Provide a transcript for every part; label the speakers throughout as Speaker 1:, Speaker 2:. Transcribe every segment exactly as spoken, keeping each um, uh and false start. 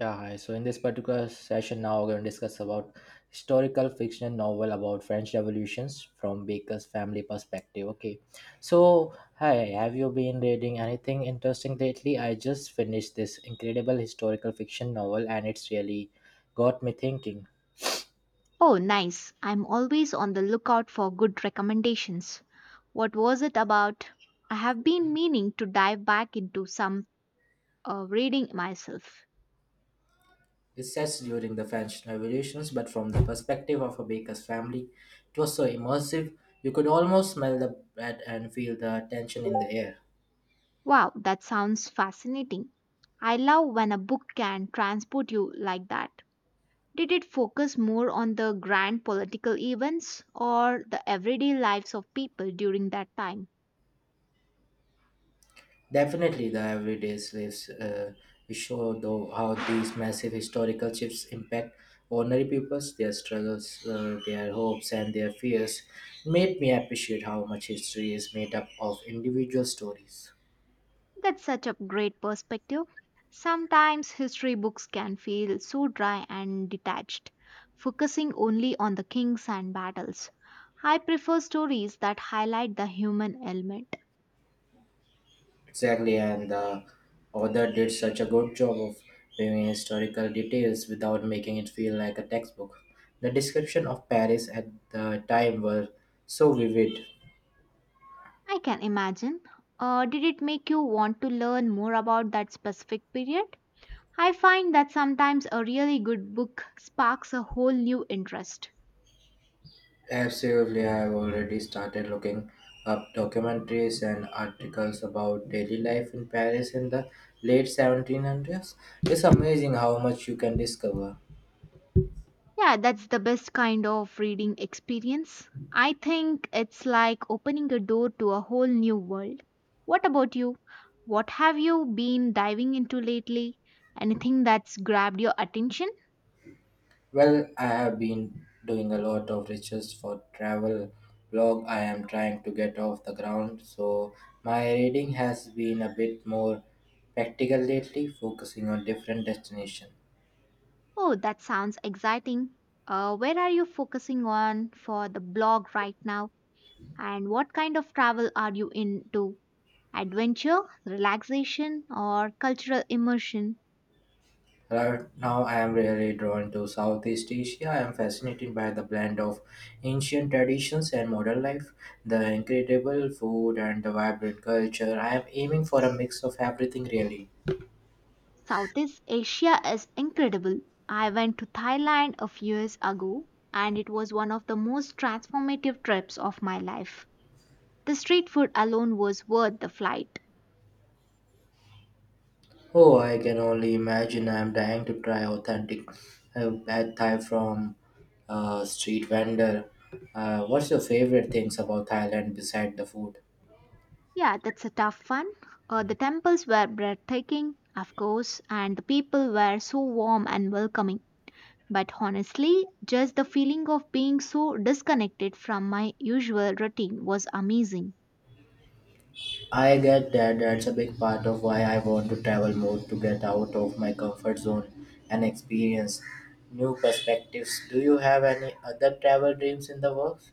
Speaker 1: Yeah, hi. So in this particular session, now we're going to discuss about historical fiction novel about French revolutions from Baker's family perspective. Okay, so hi, have you been reading anything interesting lately? I just finished this incredible historical fiction novel, and it's really got me thinking.
Speaker 2: Oh, nice. I'm always on the lookout for good recommendations. What was it about? I have been meaning to dive back into some uh, reading myself.
Speaker 1: It's sets during the French revolutions, but from the perspective of a baker's family, it was so immersive. You could almost smell the bread and feel the tension in the air.
Speaker 2: Wow, that sounds fascinating. I love when a book can transport you like that. Did it focus more on the grand political events or the everyday lives of people during that time?
Speaker 1: Definitely, the everyday slaves uh, we show though how these massive historical shifts impact ordinary peoples, their struggles, uh, their hopes, and their fears. Made me appreciate how much history is made up of individual stories.
Speaker 2: That's such a great perspective. Sometimes history books can feel so dry and detached, focusing only on the kings and battles. I prefer stories that highlight the human element.
Speaker 1: Exactly, and the author did such a good job of bringing historical details without making it feel like a textbook. The description of Paris at the time were so vivid.
Speaker 2: I can imagine. Uh, did it make you want to learn more about that specific period? I find that sometimes a really good book sparks a whole new interest.
Speaker 1: Absolutely, I have already started looking up documentaries and articles about daily life in Paris in the late seventeen hundreds. It's amazing how much you can discover.
Speaker 2: Yeah, that's the best kind of reading experience. I think it's like opening a door to a whole new world. What about you? What have you been diving into lately? Anything that's grabbed your attention?
Speaker 1: Well, I have been doing a lot of research for travel blog I am trying to get off the ground, so my reading has been a bit more practical lately, focusing on different destinations.
Speaker 2: Oh, that sounds exciting. Uh, where are you focusing on for the blog right now? And what kind of travel are you into? Adventure, relaxation, or cultural immersion?
Speaker 1: Right now, I am really drawn to Southeast Asia. I am fascinated by the blend of ancient traditions and modern life, the incredible food, and the vibrant culture. I am aiming for a mix of everything, really.
Speaker 2: Southeast Asia is incredible. I went to Thailand a few years ago and it was one of the most transformative trips of my life. The street food alone was worth the flight.
Speaker 1: Oh, I can only imagine. I am dying to try authentic uh, pad Thai from a street vendor. Uh, what's your favorite things about Thailand besides the food?
Speaker 2: Yeah, that's a tough one. Uh, the temples were breathtaking, of course, and the people were so warm and welcoming. But honestly, just the feeling of being so disconnected from my usual routine was amazing.
Speaker 1: I get that that's a big part of why I want to travel more to get out of my comfort zone and experience new perspectives. Do you have any other travel dreams in the works?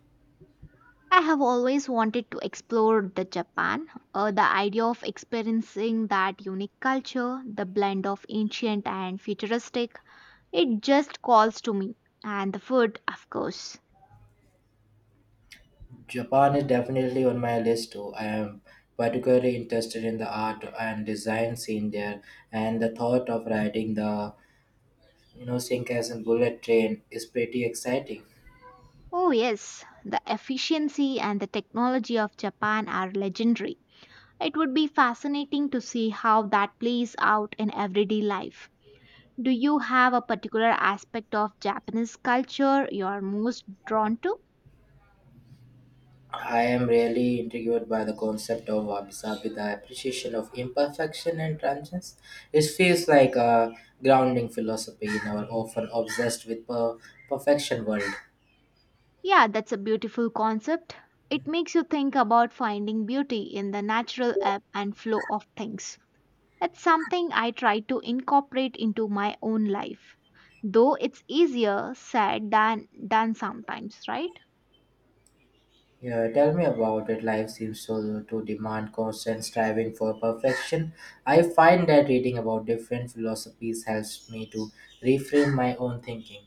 Speaker 2: I have always wanted to explore the Japan. Uh, the idea of experiencing that unique culture, the blend of ancient and futuristic, it just calls to me. And the food, of course.
Speaker 1: Japan is definitely on my list too. I am particularly interested in the art and design scene there, and the thought of riding the you know Shinkansen bullet train is pretty exciting.
Speaker 2: Oh yes, the efficiency and the technology of Japan are legendary. It would be fascinating to see how that plays out in everyday life. Do you have a particular aspect of Japanese culture you are most drawn to?
Speaker 1: I am really intrigued by the concept of Abhisa with the appreciation of imperfection and transience. It feels like a grounding philosophy in our often obsessed with per- perfection world.
Speaker 2: Yeah, that's a beautiful concept. It makes you think about finding beauty in the natural ebb and flow of things. It's something I try to incorporate into my own life, though it's easier said than done sometimes, right?
Speaker 1: Yeah, tell me about it. Life seems to, to demand constant striving for perfection. I find that reading about different philosophies helps me to reframe my own thinking.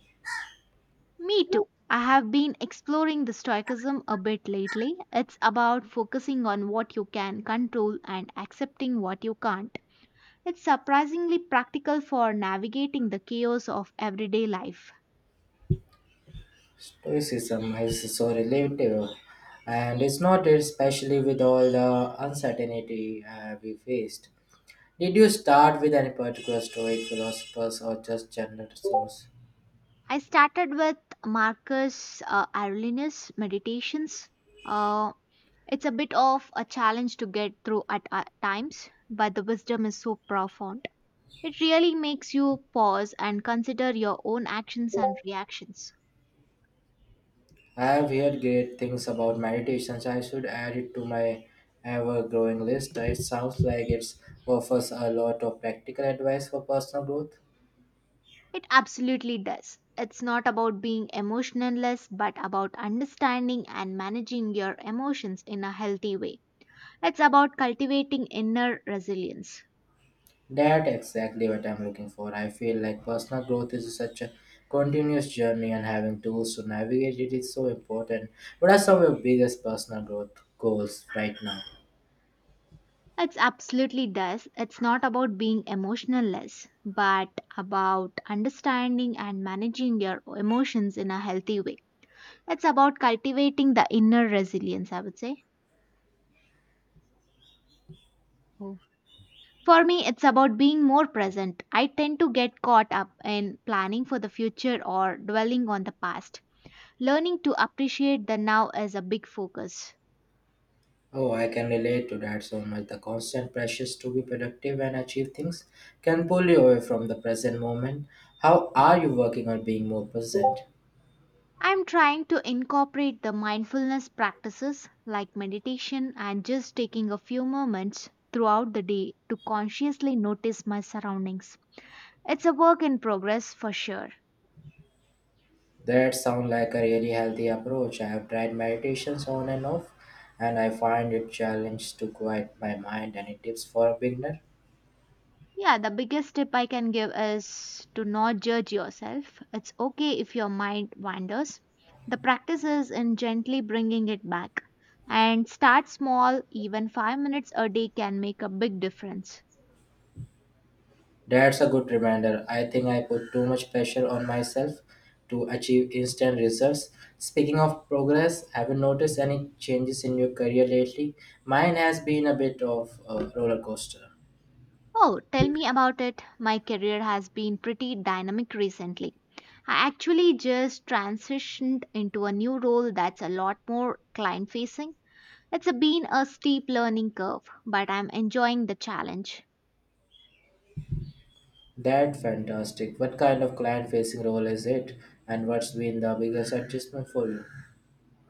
Speaker 2: Me too. I have been exploring the stoicism a bit lately. It's about focusing on what you can control and accepting what you can't. It's surprisingly practical for navigating the chaos of everyday life.
Speaker 1: Stoicism is so relatable, and it's not especially with all the uncertainty uh, we faced. Did you start with any particular Stoic philosophers or just general source?
Speaker 2: I started with Marcus uh, Aurelius meditations. Uh, it's a bit of a challenge to get through at uh, times, but the wisdom is so profound. It really makes you pause and consider your own actions and reactions.
Speaker 1: I have heard great things about meditations. I should add it to my ever-growing list. It sounds like it offers a lot of practical advice for personal growth.
Speaker 2: It absolutely does. It's not about being emotionless, but about understanding and managing your emotions in a healthy way. It's about cultivating inner resilience.
Speaker 1: That exactly what I'm looking for. I feel like personal growth is such a continuous journey and having tools to navigate it is so important. What are some of your biggest personal growth goals right now?
Speaker 2: It's absolutely does. It's not about being emotionless, but about understanding and managing your emotions in a healthy way. It's about cultivating the inner resilience, I would say. Oh. For me, it's about being more present. I tend to get caught up in planning for the future or dwelling on the past. Learning to appreciate the now is a big focus.
Speaker 1: Oh, I can relate to that so much. The constant pressures to be productive and achieve things can pull you away from the present moment. How are you working on being more present?
Speaker 2: I'm trying to incorporate the mindfulness practices like meditation and just taking a few moments throughout the day to consciously notice my surroundings. It's a work in progress for sure.
Speaker 1: That sounds like a really healthy approach. I have tried meditations on and off, and I find it challenge to quiet my mind. Any tips for a beginner?
Speaker 2: Yeah, the biggest tip I can give is to not judge yourself. It's okay if your mind wanders. The practice is in gently bringing it back. And start small, even five minutes a day can make a big difference.
Speaker 1: That's a good reminder. I think I put too much pressure on myself to achieve instant results. Speaking of progress, have you noticed any changes in your career lately? Mine has been a bit of a roller coaster.
Speaker 2: Oh, tell me about it. My career has been pretty dynamic recently. I actually just transitioned into a new role that's a lot more client facing. It's been a steep learning curve, but I'm enjoying the challenge.
Speaker 1: That's fantastic. What kind of client facing role is it? And what's been the biggest adjustment for you?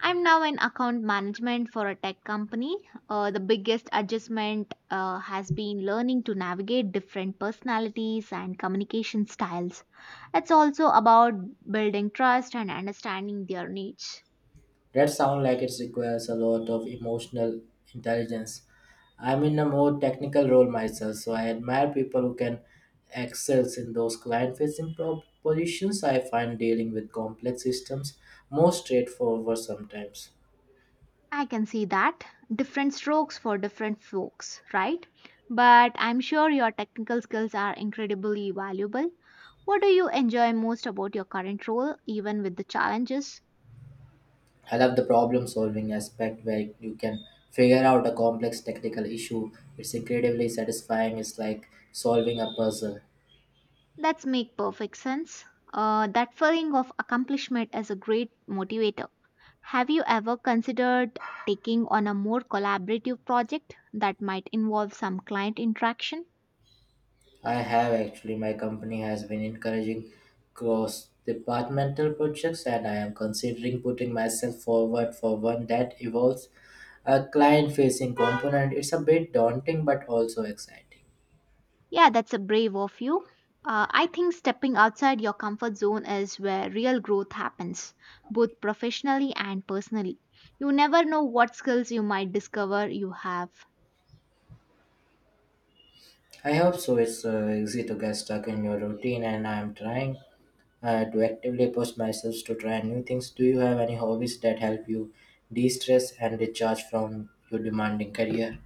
Speaker 2: I'm now in account management for a tech company. Uh, the biggest adjustment uh, has been learning to navigate different personalities and communication styles. It's also about building trust and understanding their needs.
Speaker 1: That sounds like it requires a lot of emotional intelligence. I'm in a more technical role myself, so I admire people who can excel in those client facing positions. I find dealing with complex systems more straightforward sometimes.
Speaker 2: I can see that. Different strokes for different folks, right? But I'm sure your technical skills are incredibly valuable. What do you enjoy most about your current role, even with the challenges?
Speaker 1: I love the problem solving aspect where you can figure out a complex technical issue. It's incredibly satisfying, it's like solving a puzzle.
Speaker 2: That's make perfect sense. Uh, that feeling of accomplishment is a great motivator. Have you ever considered taking on a more collaborative project that might involve some client interaction?
Speaker 1: I have actually, my company has been encouraging cross departmental projects, and I am considering putting myself forward for one that involves a client facing component. It's a bit daunting but also exciting.
Speaker 2: Yeah, that's a brave of you. Uh, I think stepping outside your comfort zone is where real growth happens, both professionally and personally. You never know what skills you might discover you have.
Speaker 1: I hope so. It's uh, easy to get stuck in your routine, and I am trying uh, to actively push myself to try new things. Do you have any hobbies that help you de stress and recharge from your demanding career?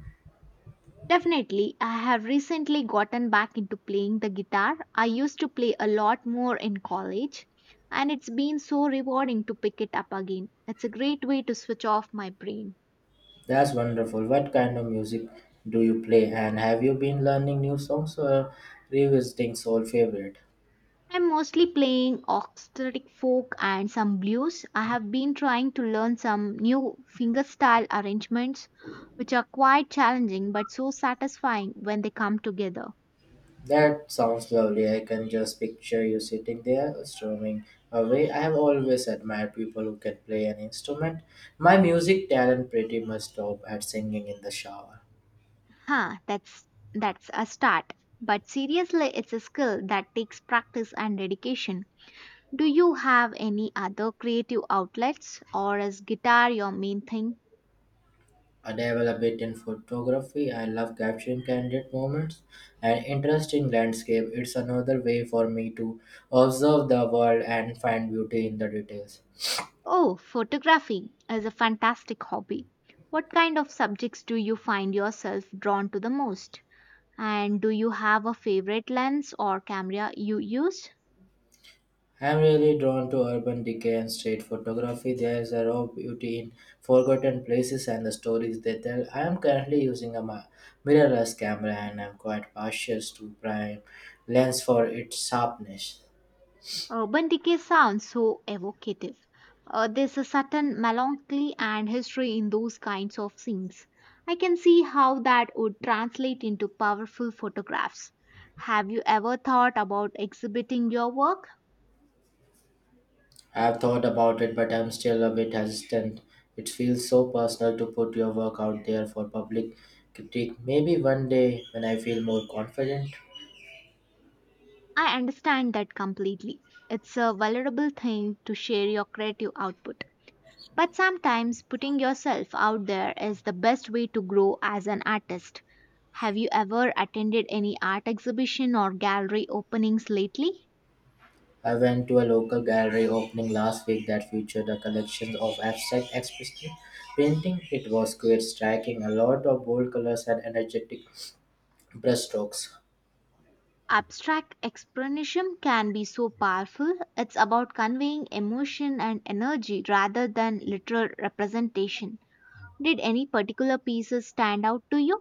Speaker 2: Definitely, I have recently gotten back into playing the guitar. I used to play a lot more in college, and it's been so rewarding to pick it up again. It's a great way to switch off my brain.
Speaker 1: That's wonderful. What kind of music do you play? And have you been learning new songs or revisiting soul favorite?
Speaker 2: I'm mostly playing orchestric folk and some blues. I have been trying to learn some new fingerstyle arrangements, which are quite challenging but so satisfying when they come together.
Speaker 1: That sounds lovely. I can just picture you sitting there strumming away. I have always admired people who can play an instrument. My music talent pretty much stopped at singing in the shower.
Speaker 2: Huh, that's that's a start. But seriously, it's a skill that takes practice and dedication. Do you have any other creative outlets or is guitar your main thing?
Speaker 1: I dabble a bit in photography. I love capturing candid moments and interesting landscape. It's another way for me to observe the world and find beauty in the details.
Speaker 2: Oh, photography is a fantastic hobby. What kind of subjects do you find yourself drawn to the most? And do you have a favorite lens or camera you use?
Speaker 1: I'm really drawn to urban decay and street photography. There's a raw beauty in forgotten places and the stories they tell. I am currently using a mi- mirrorless camera and I'm quite partial to prime lens for its sharpness.
Speaker 2: Urban decay sounds so evocative. Uh, there's a certain melancholy and history in those kinds of scenes. I can see how that would translate into powerful photographs. Have you ever thought about exhibiting your work?
Speaker 1: I've thought about it, but I'm still a bit hesitant. It feels so personal to put your work out there for public critique. Maybe one day when I feel more confident.
Speaker 2: I understand that completely. It's a valuable thing to share your creative output. But sometimes putting yourself out there is the best way to grow as an artist. Have you ever attended any art exhibition or gallery openings lately?
Speaker 1: I went to a local gallery opening last week that featured a collection of abstract expressionist painting. It was quite striking, a lot of bold colors and energetic brushstrokes.
Speaker 2: Abstract expressionism can be so powerful. It's about conveying emotion and energy rather than literal representation. Did any particular pieces stand out to you?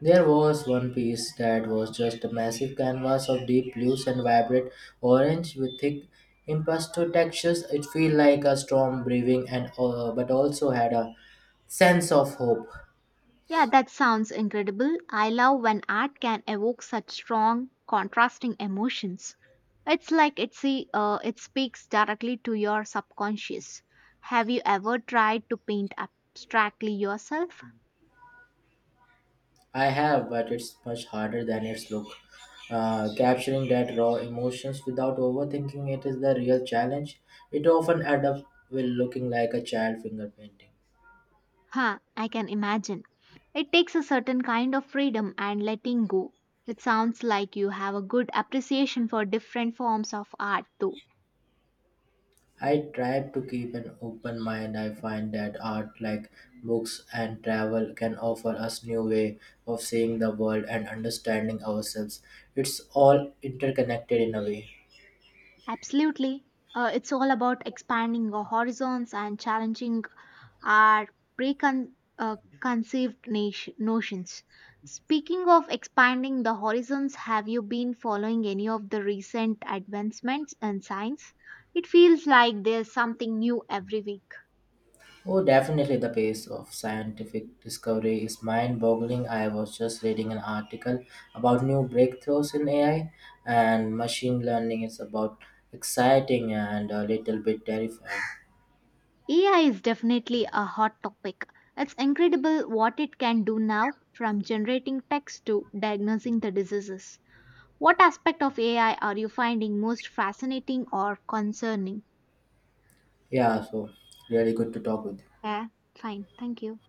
Speaker 1: There was one piece that was just a massive canvas of deep blues and vibrant orange with thick impasto textures. It felt like a storm brewing, and uh, but also had a sense of hope.
Speaker 2: Yeah, that sounds incredible. I love when art can evoke such strong, contrasting emotions. It's like it's a, uh, it speaks directly to your subconscious. Have you ever tried to paint abstractly yourself?
Speaker 1: I have, but it's much harder than its look. Uh, capturing that raw emotions without overthinking it is the real challenge. It often ends up with looking like a child finger painting.
Speaker 2: Huh, I can imagine. It takes a certain kind of freedom and letting go. It sounds like you have a good appreciation for different forms of art, though.
Speaker 1: I try to keep an open mind. I find that art, like books and travel, can offer us new way of seeing the world and understanding ourselves. It's all interconnected in a way.
Speaker 2: Absolutely. Uh, it's all about expanding your horizons and challenging our preconceived uh, conceived nation, notions. Speaking of expanding the horizons, have you been following any of the recent advancements in science? It feels like there's something new every week.
Speaker 1: Oh, definitely the pace of scientific discovery is mind-boggling. I was just reading an article about new breakthroughs in A I and machine learning. It's about exciting and a little bit terrifying.
Speaker 2: A I is definitely a hot topic. It's incredible what it can do now, from generating text to diagnosing the diseases. What aspect of A I are you finding most fascinating or concerning?
Speaker 1: Yeah, so really good to talk with you.
Speaker 2: Yeah, fine. Thank you.